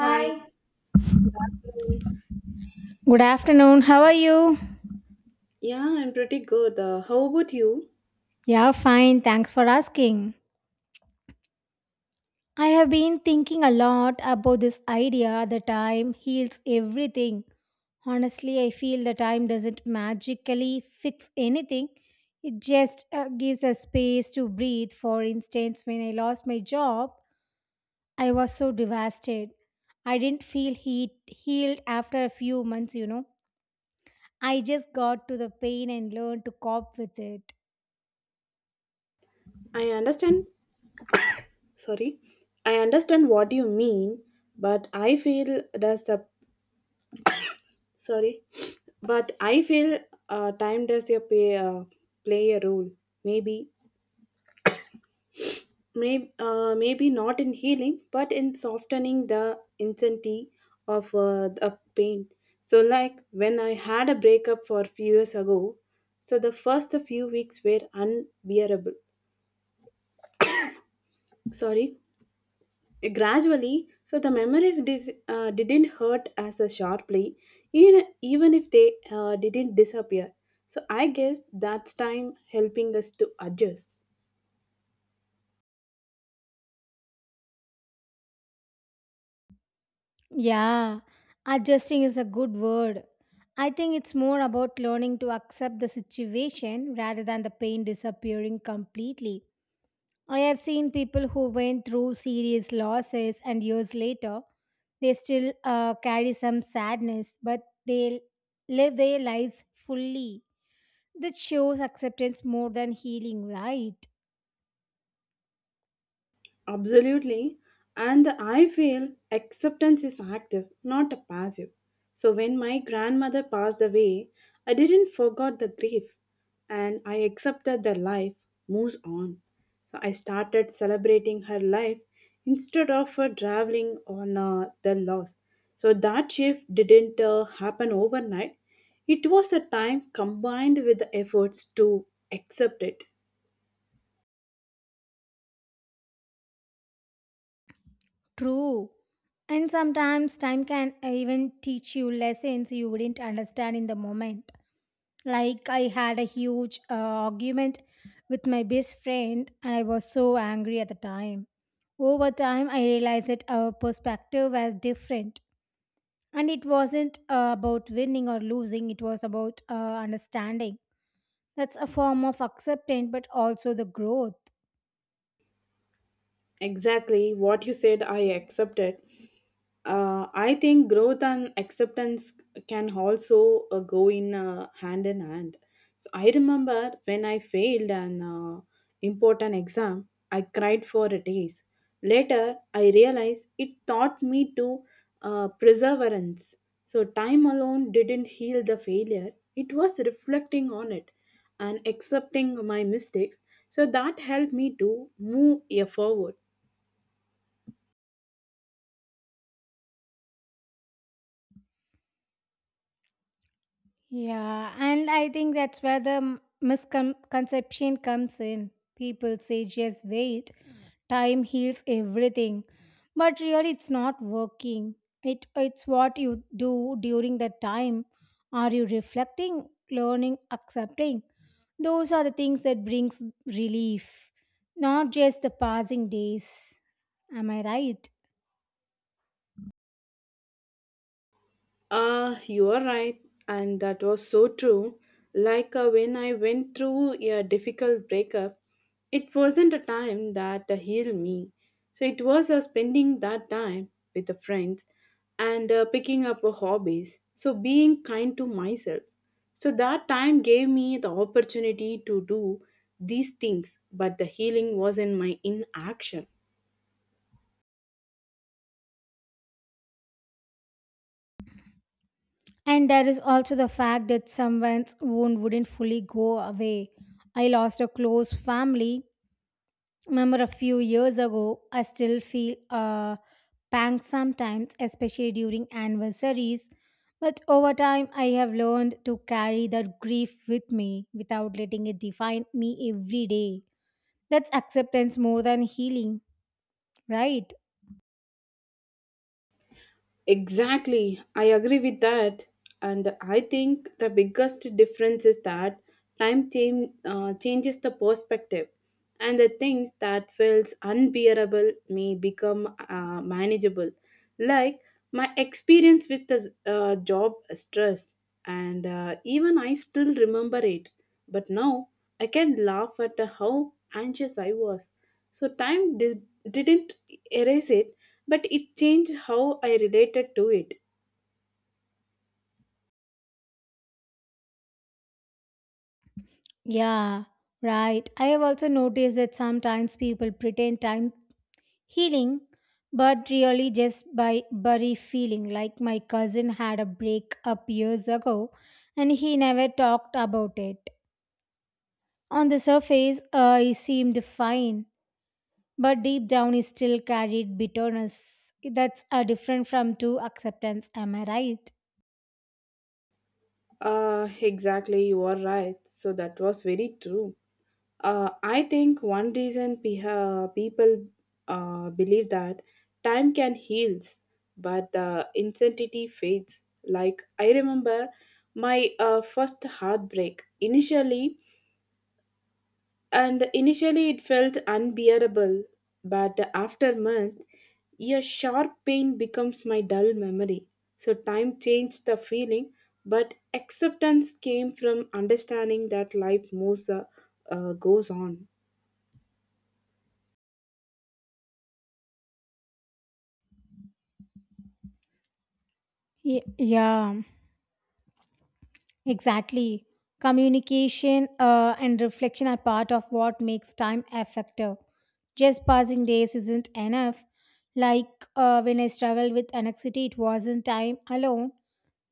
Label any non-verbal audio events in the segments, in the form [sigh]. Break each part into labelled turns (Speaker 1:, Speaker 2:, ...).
Speaker 1: Hi.
Speaker 2: Good afternoon. How are you?
Speaker 1: Yeah, I'm pretty good. How about you?
Speaker 2: Yeah, fine. Thanks for asking. I have been thinking a lot about this idea that time heals everything. Honestly, I feel the time doesn't magically fix anything. It just gives us space to breathe. For instance, when I lost my job, I was so devastated. I didn't feel heat healed after a few months. I just got to the pain and learned to cope with it.
Speaker 1: I understand. Sorry. I understand what you mean, but I feel does the sorry, [sniffs] but I feel time does your pay, play a role. Maybe, maybe not in healing, but in softening the intensity of the pain. So, like when I had a breakup for few years ago, so the first few weeks were unbearable. Sorry. Gradually, so the memories didn't hurt as a sharply, even if they didn't disappear. So I guess that's time helping us to adjust.
Speaker 2: Yeah, adjusting is a good word. I think it's more about learning to accept the situation rather than the pain disappearing completely. I have seen people who went through serious losses and years later, they still carry some sadness, but they live their lives fully. That shows acceptance more than healing, right?
Speaker 1: Absolutely. And I feel acceptance is active, not a passive. So when my grandmother passed away, I didn't forget the grief and I accepted that life moves on. So I started celebrating her life instead of traveling on the loss. So that shift didn't happen overnight. It was a time combined with the efforts to accept it.
Speaker 2: True. And sometimes time can even teach you lessons you wouldn't understand in the moment. Like, I had a huge argument with my best friend, and I was so angry at the time. Over time, I realized that our perspective was different. And it wasn't about winning or losing, it was about understanding. That's a form of acceptance, but also the growth.
Speaker 1: Exactly what you said, I accepted. I think growth and acceptance can also go in hand in hand. So I remember when I failed an important exam, I cried for days. Later, I realized it taught me to perseverance. So time alone didn't heal the failure; it was reflecting on it and accepting my mistakes. So that helped me to move forward.
Speaker 2: Yeah, and I think that's where the misconception comes in. People say just wait, time heals everything. But really it's not working. It's what you do during that time. Are you reflecting, learning, accepting? Those are the things that brings relief, not just the passing days. Am I right?
Speaker 1: Ah, you are right, and that was so true. Like when I went through a difficult breakup, it wasn't a time that healed me. So it was spending that time with the friends and picking up hobbies. So being kind to myself. So that time gave me the opportunity to do these things, but the healing was in my inaction.
Speaker 2: And there is also the fact that someone's wound wouldn't fully go away. I lost a close family member a few years ago. I still feel a pang sometimes, especially during anniversaries. But over time, I have learned to carry that grief with me without letting it define me every day. That's acceptance more than healing, right?
Speaker 1: Exactly, I agree with that. And I think the biggest difference is that changes the perspective, and the things that feels unbearable may become manageable. Like my experience with the job stress, and even I still remember it. But now I can laugh at how anxious I was. So time didn't erase it, but it changed how I related to it.
Speaker 2: Yeah, right. I have also noticed that sometimes people pretend time healing, but really just by bury feeling. Like my cousin had a breakup years ago and he never talked about it. On the surface, he seemed fine, but deep down, he still carried bitterness. That's different from true acceptance, am I right?
Speaker 1: Exactly, you are right. So that was very true. I think one reason people believe that time can heal, but the intensity fades. Like I remember my first heartbreak. Initially it felt unbearable, but after month, a sharp pain becomes my dull memory. So time changed the feeling, but acceptance came from understanding that life goes on.
Speaker 2: Yeah. Exactly. Communication and reflection are part of what makes time effective. Just passing days isn't enough. Like when I struggled with anxiety, it wasn't time alone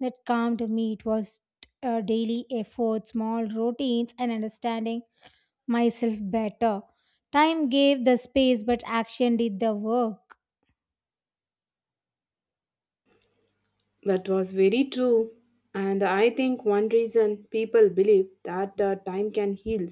Speaker 2: that calmed me. It was daily efforts, small routines, and understanding myself better. Time gave the space, but action did the work.
Speaker 1: That was very true. And I think one reason people believe that time can heal.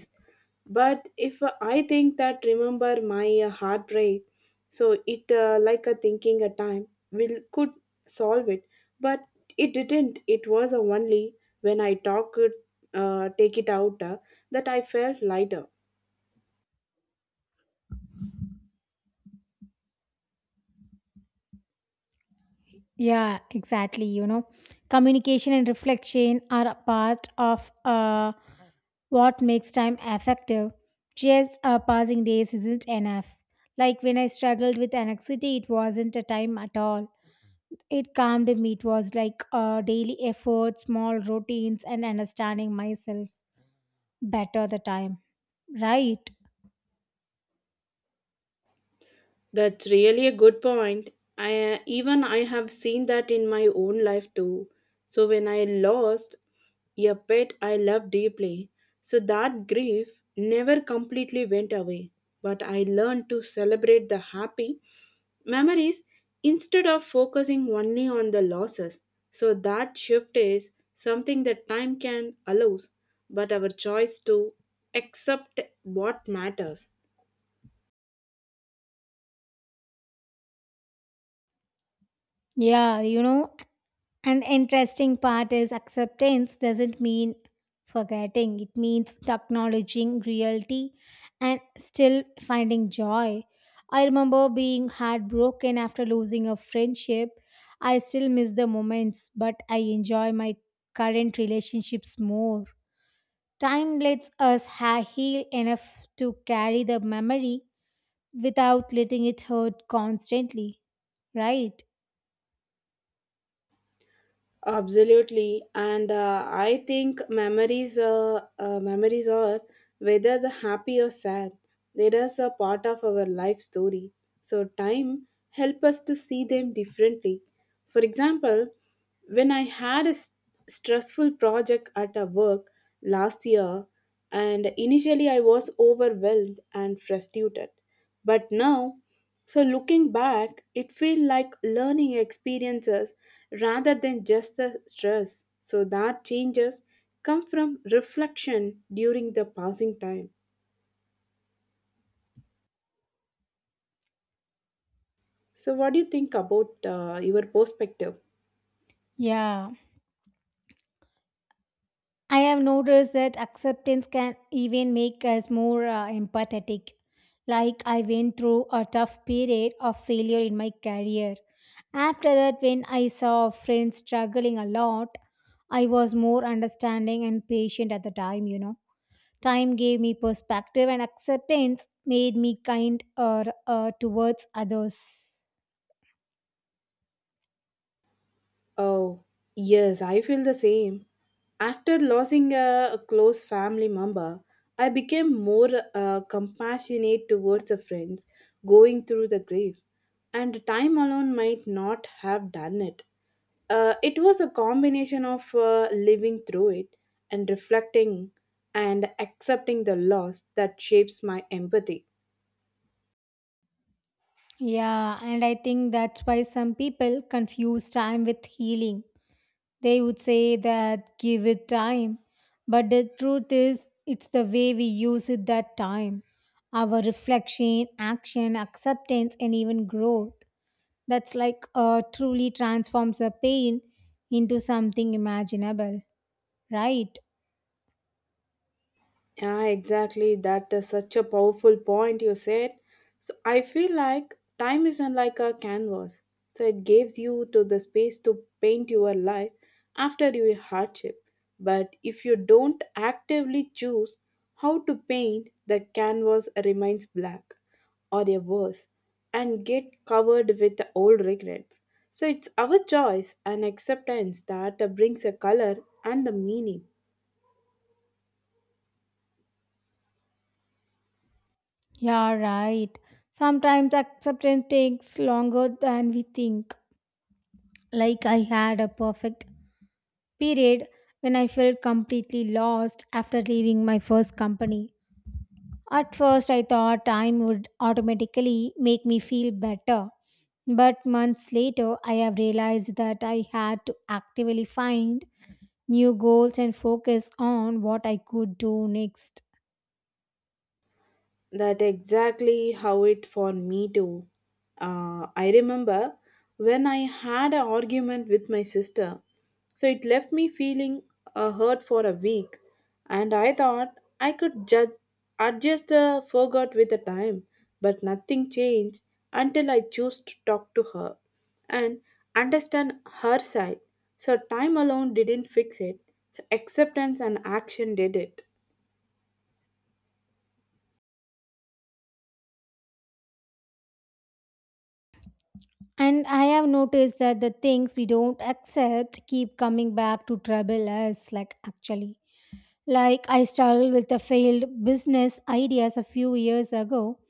Speaker 1: But if I think that remember my heartbreak, so it like a thinking a time will could solve it. But it didn't. It was only when I talk it, take it out that I felt lighter.
Speaker 2: Yeah, exactly. You know, communication and reflection are a part of. What makes time effective? Just passing days isn't enough. Like when I struggled with anxiety, it wasn't a time at all. It calmed me. It was like daily efforts, small routines, and understanding myself better the time. Right?
Speaker 1: That's really a good point. I even I have seen that in my own life too. So when I lost a pet I loved deeply, so that grief never completely went away. But I learned to celebrate the happy memories instead of focusing only on the losses. So that shift is something that time can allow, but our choice to accept what matters.
Speaker 2: Yeah, you know, an interesting part is acceptance doesn't mean forgetting, it means acknowledging reality and still finding joy. I remember being heartbroken after losing a friendship. I still miss the moments, but I enjoy my current relationships more. Time lets us heal enough to carry the memory without letting it hurt constantly, right?
Speaker 1: Absolutely, and I think memories are whether the happy or sad, there is a part of our life story. So time help us to see them differently. For example, when I had a stressful project at a work last year, and initially I was overwhelmed and frustrated, but now so looking back, it feel like learning experiences rather than just the stress. So that changes come from reflection during the passing time. So what do you think about your perspective?
Speaker 2: Yeah. I have noticed that acceptance can even make us more empathetic. Like, I went through a tough period of failure in my career. After that, when I saw friends struggling a lot, I was more understanding and patient at the time. Time gave me perspective, and acceptance made me kind towards others.
Speaker 1: Oh, yes, I feel the same. After losing a close family member, I became more compassionate towards the friends going through the grief, and time alone might not have done it. It was a combination of living through it and reflecting and accepting the loss that shapes my empathy.
Speaker 2: Yeah, and I think that's why some people confuse time with healing. They would say that give it time, but the truth is, it's the way we use it that time. Our reflection, action, acceptance, and even growth. That's like truly transforms a pain into something imaginable, right?
Speaker 1: Yeah, exactly. That is such a powerful point you said. So I feel like time isn't like a canvas. So it gives you to the space to paint your life after your hardship. But if you don't actively choose how to paint, the canvas remains black or a worse and get covered with the old regrets. So it's our choice and acceptance that brings a color and the meaning.
Speaker 2: Yeah, right. Sometimes acceptance takes longer than we think. Like I had a perfect period when I felt completely lost after leaving my first company. At first, I thought time would automatically make me feel better. But months later, I have realized that I had to actively find new goals and focus on what I could do next.
Speaker 1: That exactly how it for me too. I remember when I had an argument with my sister, so it left me feeling hurt for a week, and I thought I could judge, adjust the forgot with the time, but nothing changed until I chose to talk to her and understand her side. So time alone didn't fix it. So acceptance and action did it.
Speaker 2: And I have noticed that the things we don't accept keep coming back to trouble us, like actually. Like I struggled with the failed business ideas a few years ago. [clears throat]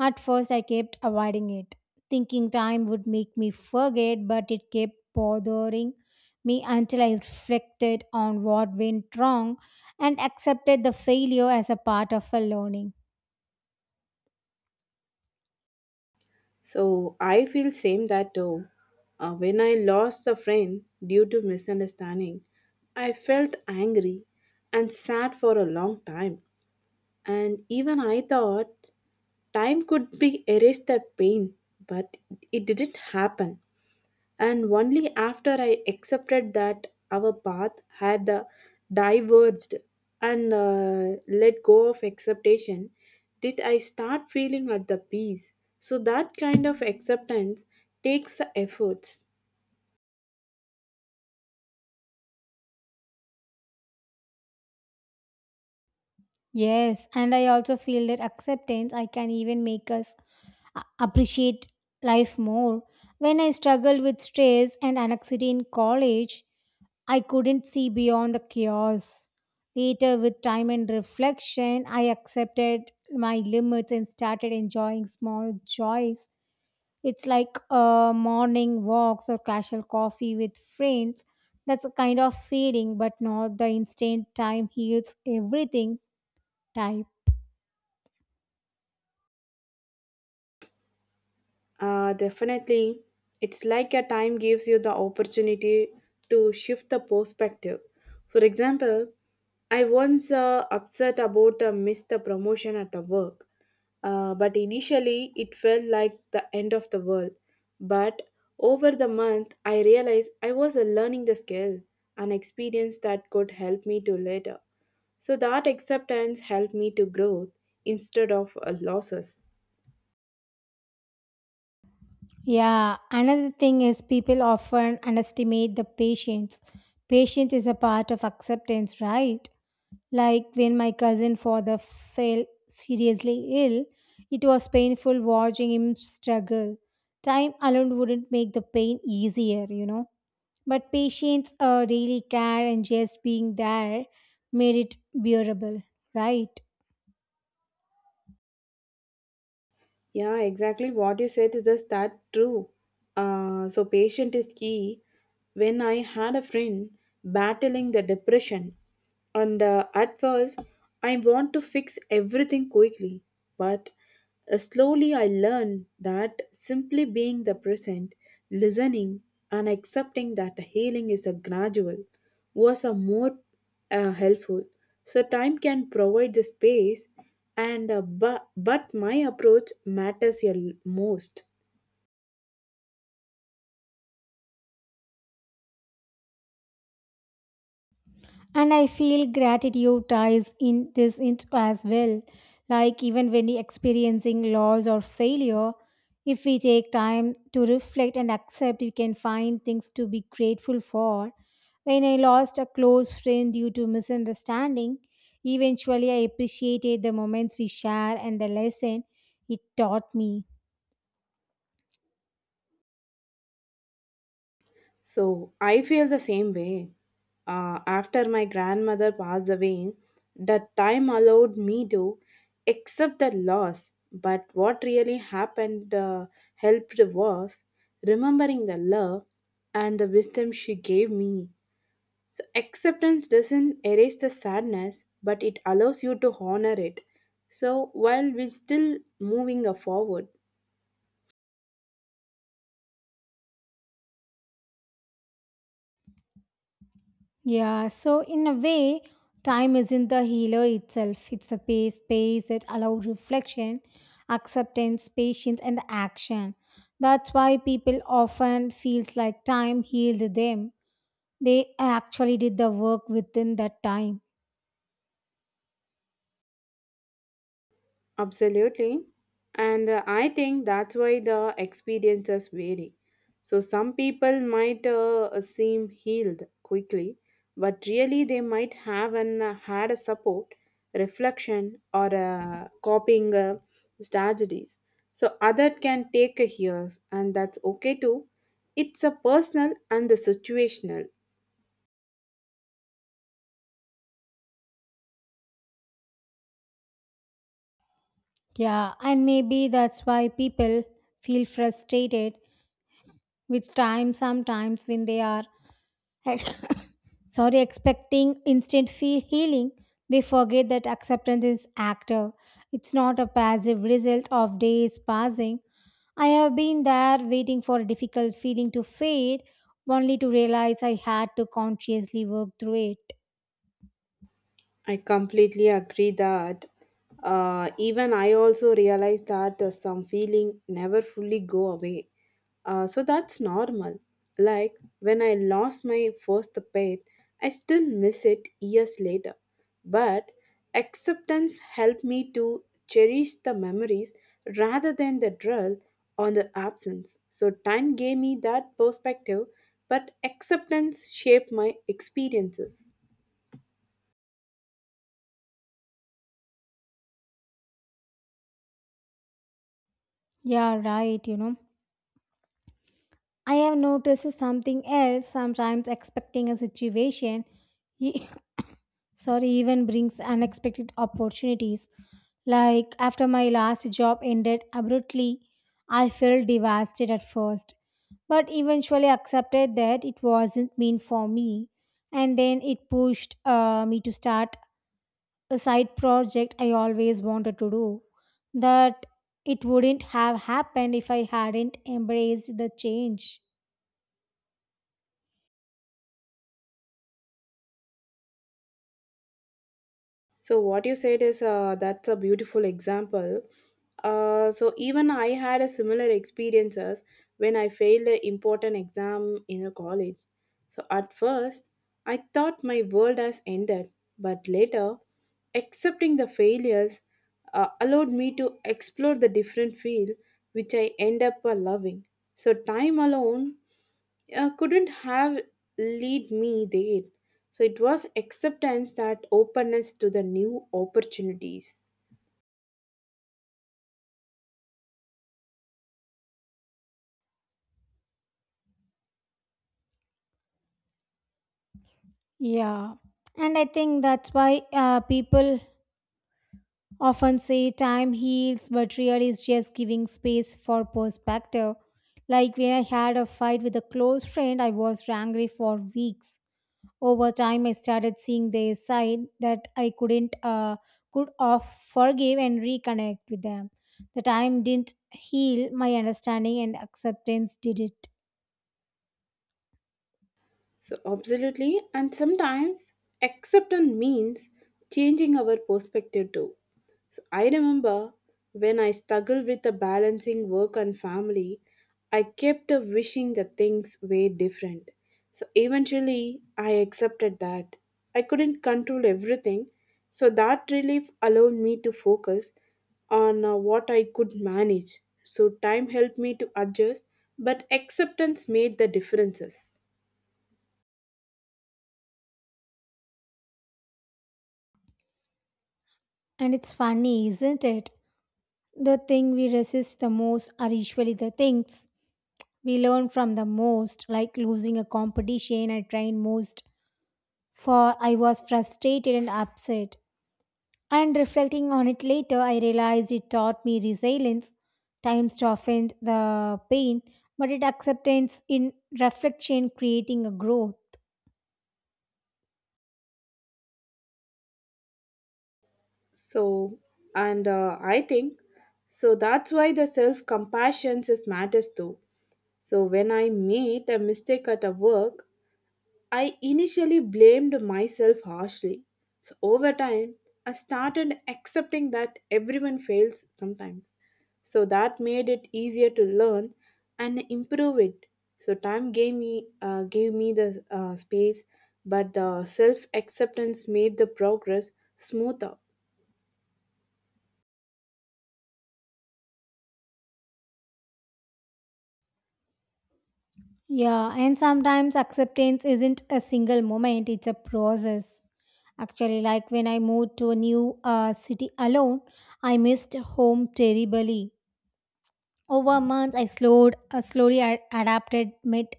Speaker 2: At first, I kept avoiding it, thinking time would make me forget, but it kept bothering me until I reflected on what went wrong and accepted the failure as a part of a learning.
Speaker 1: So I feel same that too. When I lost a friend due to misunderstanding, I felt angry and sad for a long time. And even I thought time could be erase that pain, but it didn't happen. And only after I accepted that our path had diverged and let go of expectation, did I start feeling at the peace. So that kind of acceptance takes efforts.
Speaker 2: Yes, and I also feel that acceptance I can even make us appreciate life more. When I struggled with stress and anxiety in college, I couldn't see beyond the chaos. Later, with time and reflection, I accepted my limits and started enjoying small joys. It's like morning walks or casual coffee with friends. That's a kind of feeling, but not the instant time heals everything type.
Speaker 1: Definitely. It's like a time gives you the opportunity to shift the perspective. For example, I once upset about missed the promotion at the work, but initially it felt like the end of the world. But over the month, I realized I was learning the skill, an experience that could help me to later. So that acceptance helped me to grow instead of losses.
Speaker 2: Yeah, another thing is people often underestimate the patience. Patience is a part of acceptance, right? Like when my cousin father fell seriously ill, it was painful watching him struggle. Time alone wouldn't make the pain easier. But patience, really care, and just being there made it bearable, right?
Speaker 1: Yeah, exactly what you said is just that true. So patient is key. When I had a friend battling the depression, and at first I want to fix everything quickly, but slowly I learned that simply being the present, listening, and accepting that healing is a gradual was a more helpful. So time can provide the space, and but my approach matters a most.
Speaker 2: And I feel gratitude ties in this into as well. Like even when we experiencing loss or failure, if we take time to reflect and accept, we can find things to be grateful for. When I lost a close friend due to misunderstanding, eventually I appreciated the moments we share and the lesson it taught me.
Speaker 1: So I feel the same way, after my grandmother passed away that time allowed me to accept the loss, but what really happened helped was remembering the love and the wisdom she gave me. So acceptance doesn't erase the sadness, but it allows you to honor it, so while we're still moving forward.
Speaker 2: Yeah, so in a way, time isn't the healer itself. It's a space that allows reflection, acceptance, patience, and action. That's why people often feels like time healed them. They actually did the work within that time.
Speaker 1: Absolutely. And I think that's why the experiences vary. So some people might seem healed quickly, but really they might have had a support, reflection, or coping strategies. So other can take a years, and that's okay too. It's a personal and the situational.
Speaker 2: Yeah, and maybe that's why people feel frustrated with time sometimes when they are [laughs] [coughs] sorry expecting instant healing. They forget that acceptance is active. It's not a passive result of days passing. I have been there waiting for a difficult feeling to fade, only to realize I had to consciously work through it.
Speaker 1: I completely agree that even I also realize that some feeling never fully go away. So that's normal. Like when I lost my first pet, I still miss it years later. But acceptance helped me to cherish the memories rather than the dwell on the absence. So time gave me that perspective, but acceptance shaped my experiences.
Speaker 2: Yeah, right. You know, I have noticed something else. Sometimes expecting a situation [laughs] sorry even brings unexpected opportunities. Like after my last job ended abruptly, I felt devastated at first, but eventually accepted that it wasn't meant for me, and then it pushed me to start a side project I always wanted to do. That, it wouldn't have happened if I hadn't embraced the change.
Speaker 1: So what you said is that's a beautiful example. So even I had a similar experiences when I failed an important exam in a college. So at first, I thought my world has ended, but later, accepting the failures allowed me to explore the different field which I end up loving. So time alone couldn't have lead me there. So it was acceptance that openness to the new opportunities.
Speaker 2: Yeah, and I think that's why people often say time heals, but really is just giving space for perspective. Like when I had a fight with a close friend, I was angry for weeks. Over time, I started seeing their side that I couldn't could off forgive and reconnect with them. The time didn't heal my understanding and acceptance did it.
Speaker 1: So, absolutely, and sometimes acceptance means changing our perspective too. So, I remember when I struggled with the balancing work and family, I kept a wishing that things were different. So, eventually, I accepted that I couldn't control everything. So, that relief allowed me to focus on what I could manage. So, time helped me to adjust, but acceptance made the differences.
Speaker 2: And it's funny, isn't it? The thing we resist the most are usually the things we learn from the most, like losing a competition I trained most for. I was frustrated and upset, and reflecting on it later I realized it taught me resilience. Times to offend the pain, but it acceptance in reflection creating a growth.
Speaker 1: So, and I think so that's why the self compassion is matters too. So, when I made a mistake at a work, I initially blamed myself harshly. So, over time, I started accepting that everyone fails sometimes. So, that made it easier to learn and improve it. So, time gave me the space, but the self acceptance made the progress smoother.
Speaker 2: Yeah, and sometimes acceptance isn't a single moment, it's a process actually. Like when I moved to a new city alone, I missed home terribly. Over months, I slowly adapted, met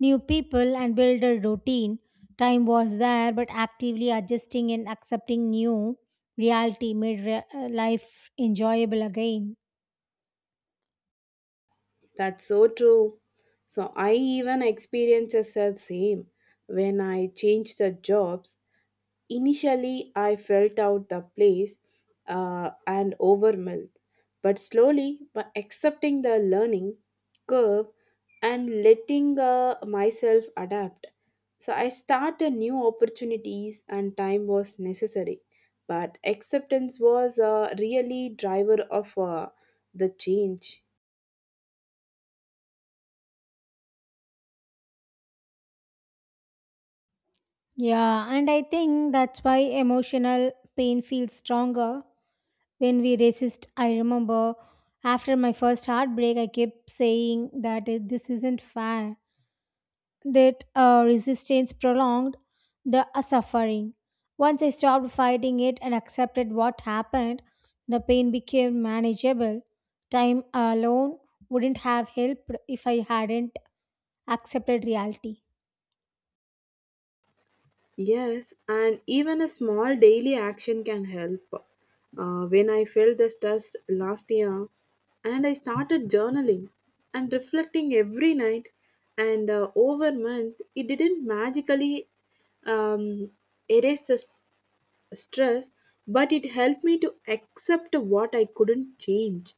Speaker 2: new people, and built a routine. Time was there, but actively adjusting and accepting new reality made life enjoyable again.
Speaker 1: That's so true. So I even experiences the same when I changed the jobs. Initially, I felt out the place and overwhelmed, but slowly, by accepting the learning curve and letting myself adapt, so I started new opportunities and time was necessary. But acceptance was really driver of the change.
Speaker 2: Yeah, and I think that's why emotional pain feels stronger when we resist. I remember after my first heartbreak, I kept saying that this isn't fair. That resistance prolonged the suffering. Once I stopped fighting it and accepted what happened, the pain became manageable. Time alone wouldn't have helped if I hadn't accepted reality.
Speaker 1: Yes, and even a small daily action can help. When I felt the stress last year, and I started journaling and reflecting every night, and over month, it didn't magically um, erase the stress, but it helped me to accept what I couldn't change.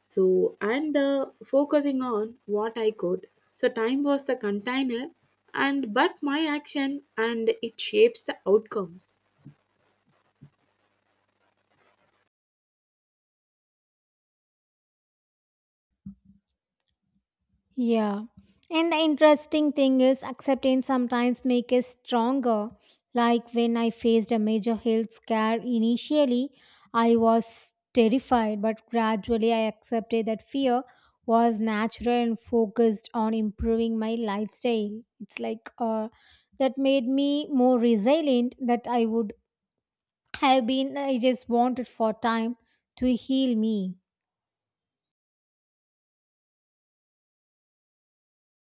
Speaker 1: So, and focusing on what I could. So, time was the container, and but my action and it shapes the outcomes.
Speaker 2: Yeah. And the interesting thing is acceptance sometimes makes us stronger. Like when I faced a major health scare initially, I was terrified, but gradually I accepted that fear was natural and focused on improving my lifestyle. It's like that made me more resilient that I would have been I just wanted for time to heal me.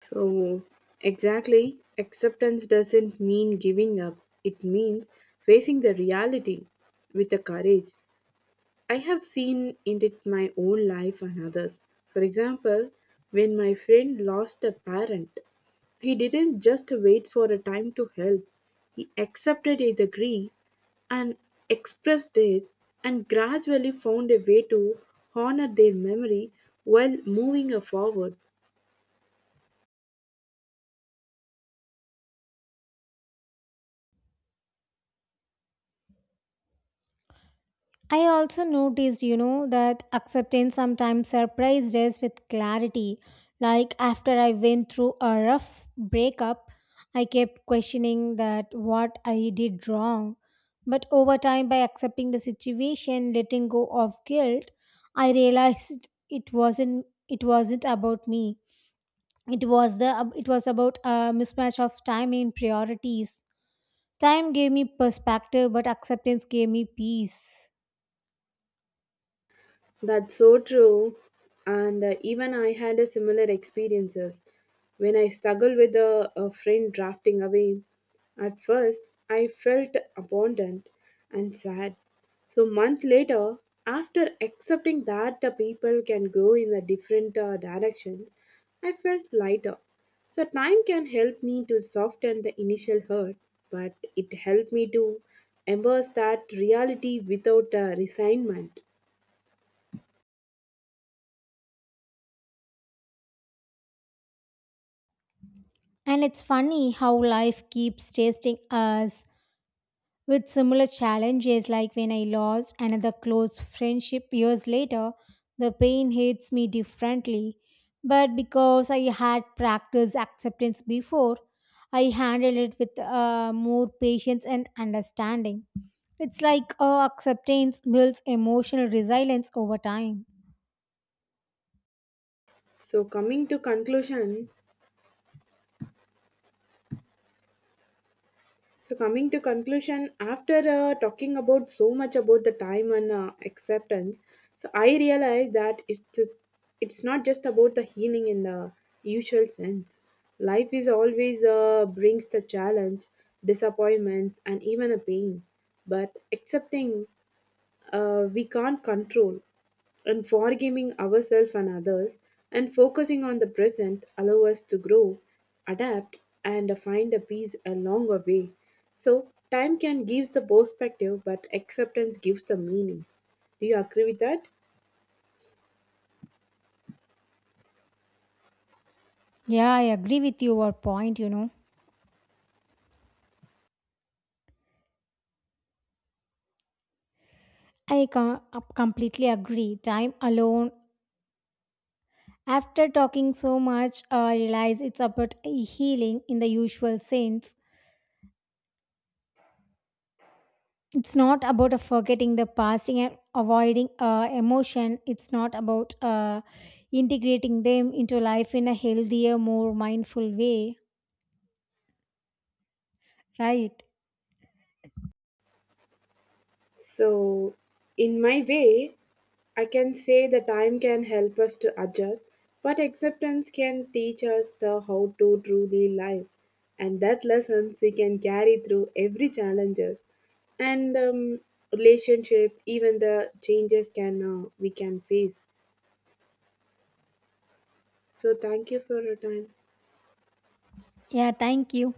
Speaker 1: So, exactly, acceptance doesn't mean giving up, it means facing the reality with the courage. I have seen it in my own life and others. For example, when my friend lost a parent, he didn't just wait for a time to help. He accepted the grief and expressed it and gradually found a way to honor their memory while moving forward.
Speaker 2: I also noticed, you know, that acceptance sometimes surprised us with clarity. Like after I went through a rough breakup, I kept questioning that what I did wrong. But over time, by accepting the situation, letting go of guilt, I realized it wasn't about me. It was about a mismatch of time and priorities. Time gave me perspective, but acceptance gave me peace.
Speaker 1: That's so true. And even I had a similar experiences when I struggled with a friend drafting away. At first, I felt abandoned and sad. So month later, after accepting that the people can grow in the different directions, I felt lighter. So time can help me to soften the initial hurt, but it helped me to embrace that reality without resignment.
Speaker 2: And it's funny how life keeps testing us with similar challenges, like when I lost another close friendship years later, the pain hits me differently. But because I had practiced acceptance before, I handled it with more patience and understanding. It's like acceptance builds emotional resilience over time.
Speaker 1: So coming to conclusion, so coming to conclusion, after talking about so much about the time and acceptance, so I realized that it's not just about the healing in the usual sense. Life is always brings the challenge, disappointments, and even a pain. But accepting we can't control, and forgiving ourselves and others and focusing on the present allow us to grow, adapt, and find a peace along the way. So, time can give the perspective, but acceptance gives the meanings. Do you agree with that?
Speaker 2: Yeah, I agree with your point, you know. I com- completely agree. Time alone. After talking so much, I realize it's about healing in the usual sense. It's not about forgetting the past and avoiding emotion. It's not about integrating them into life in a healthier, more mindful way. Right.
Speaker 1: So, in my way, I can say the time can help us to adjust, but acceptance can teach us the how to truly live, and that lessons we can carry through every challenges and relationship, even the changes can we can face. So, thank you for your time.
Speaker 2: Yeah, thank you.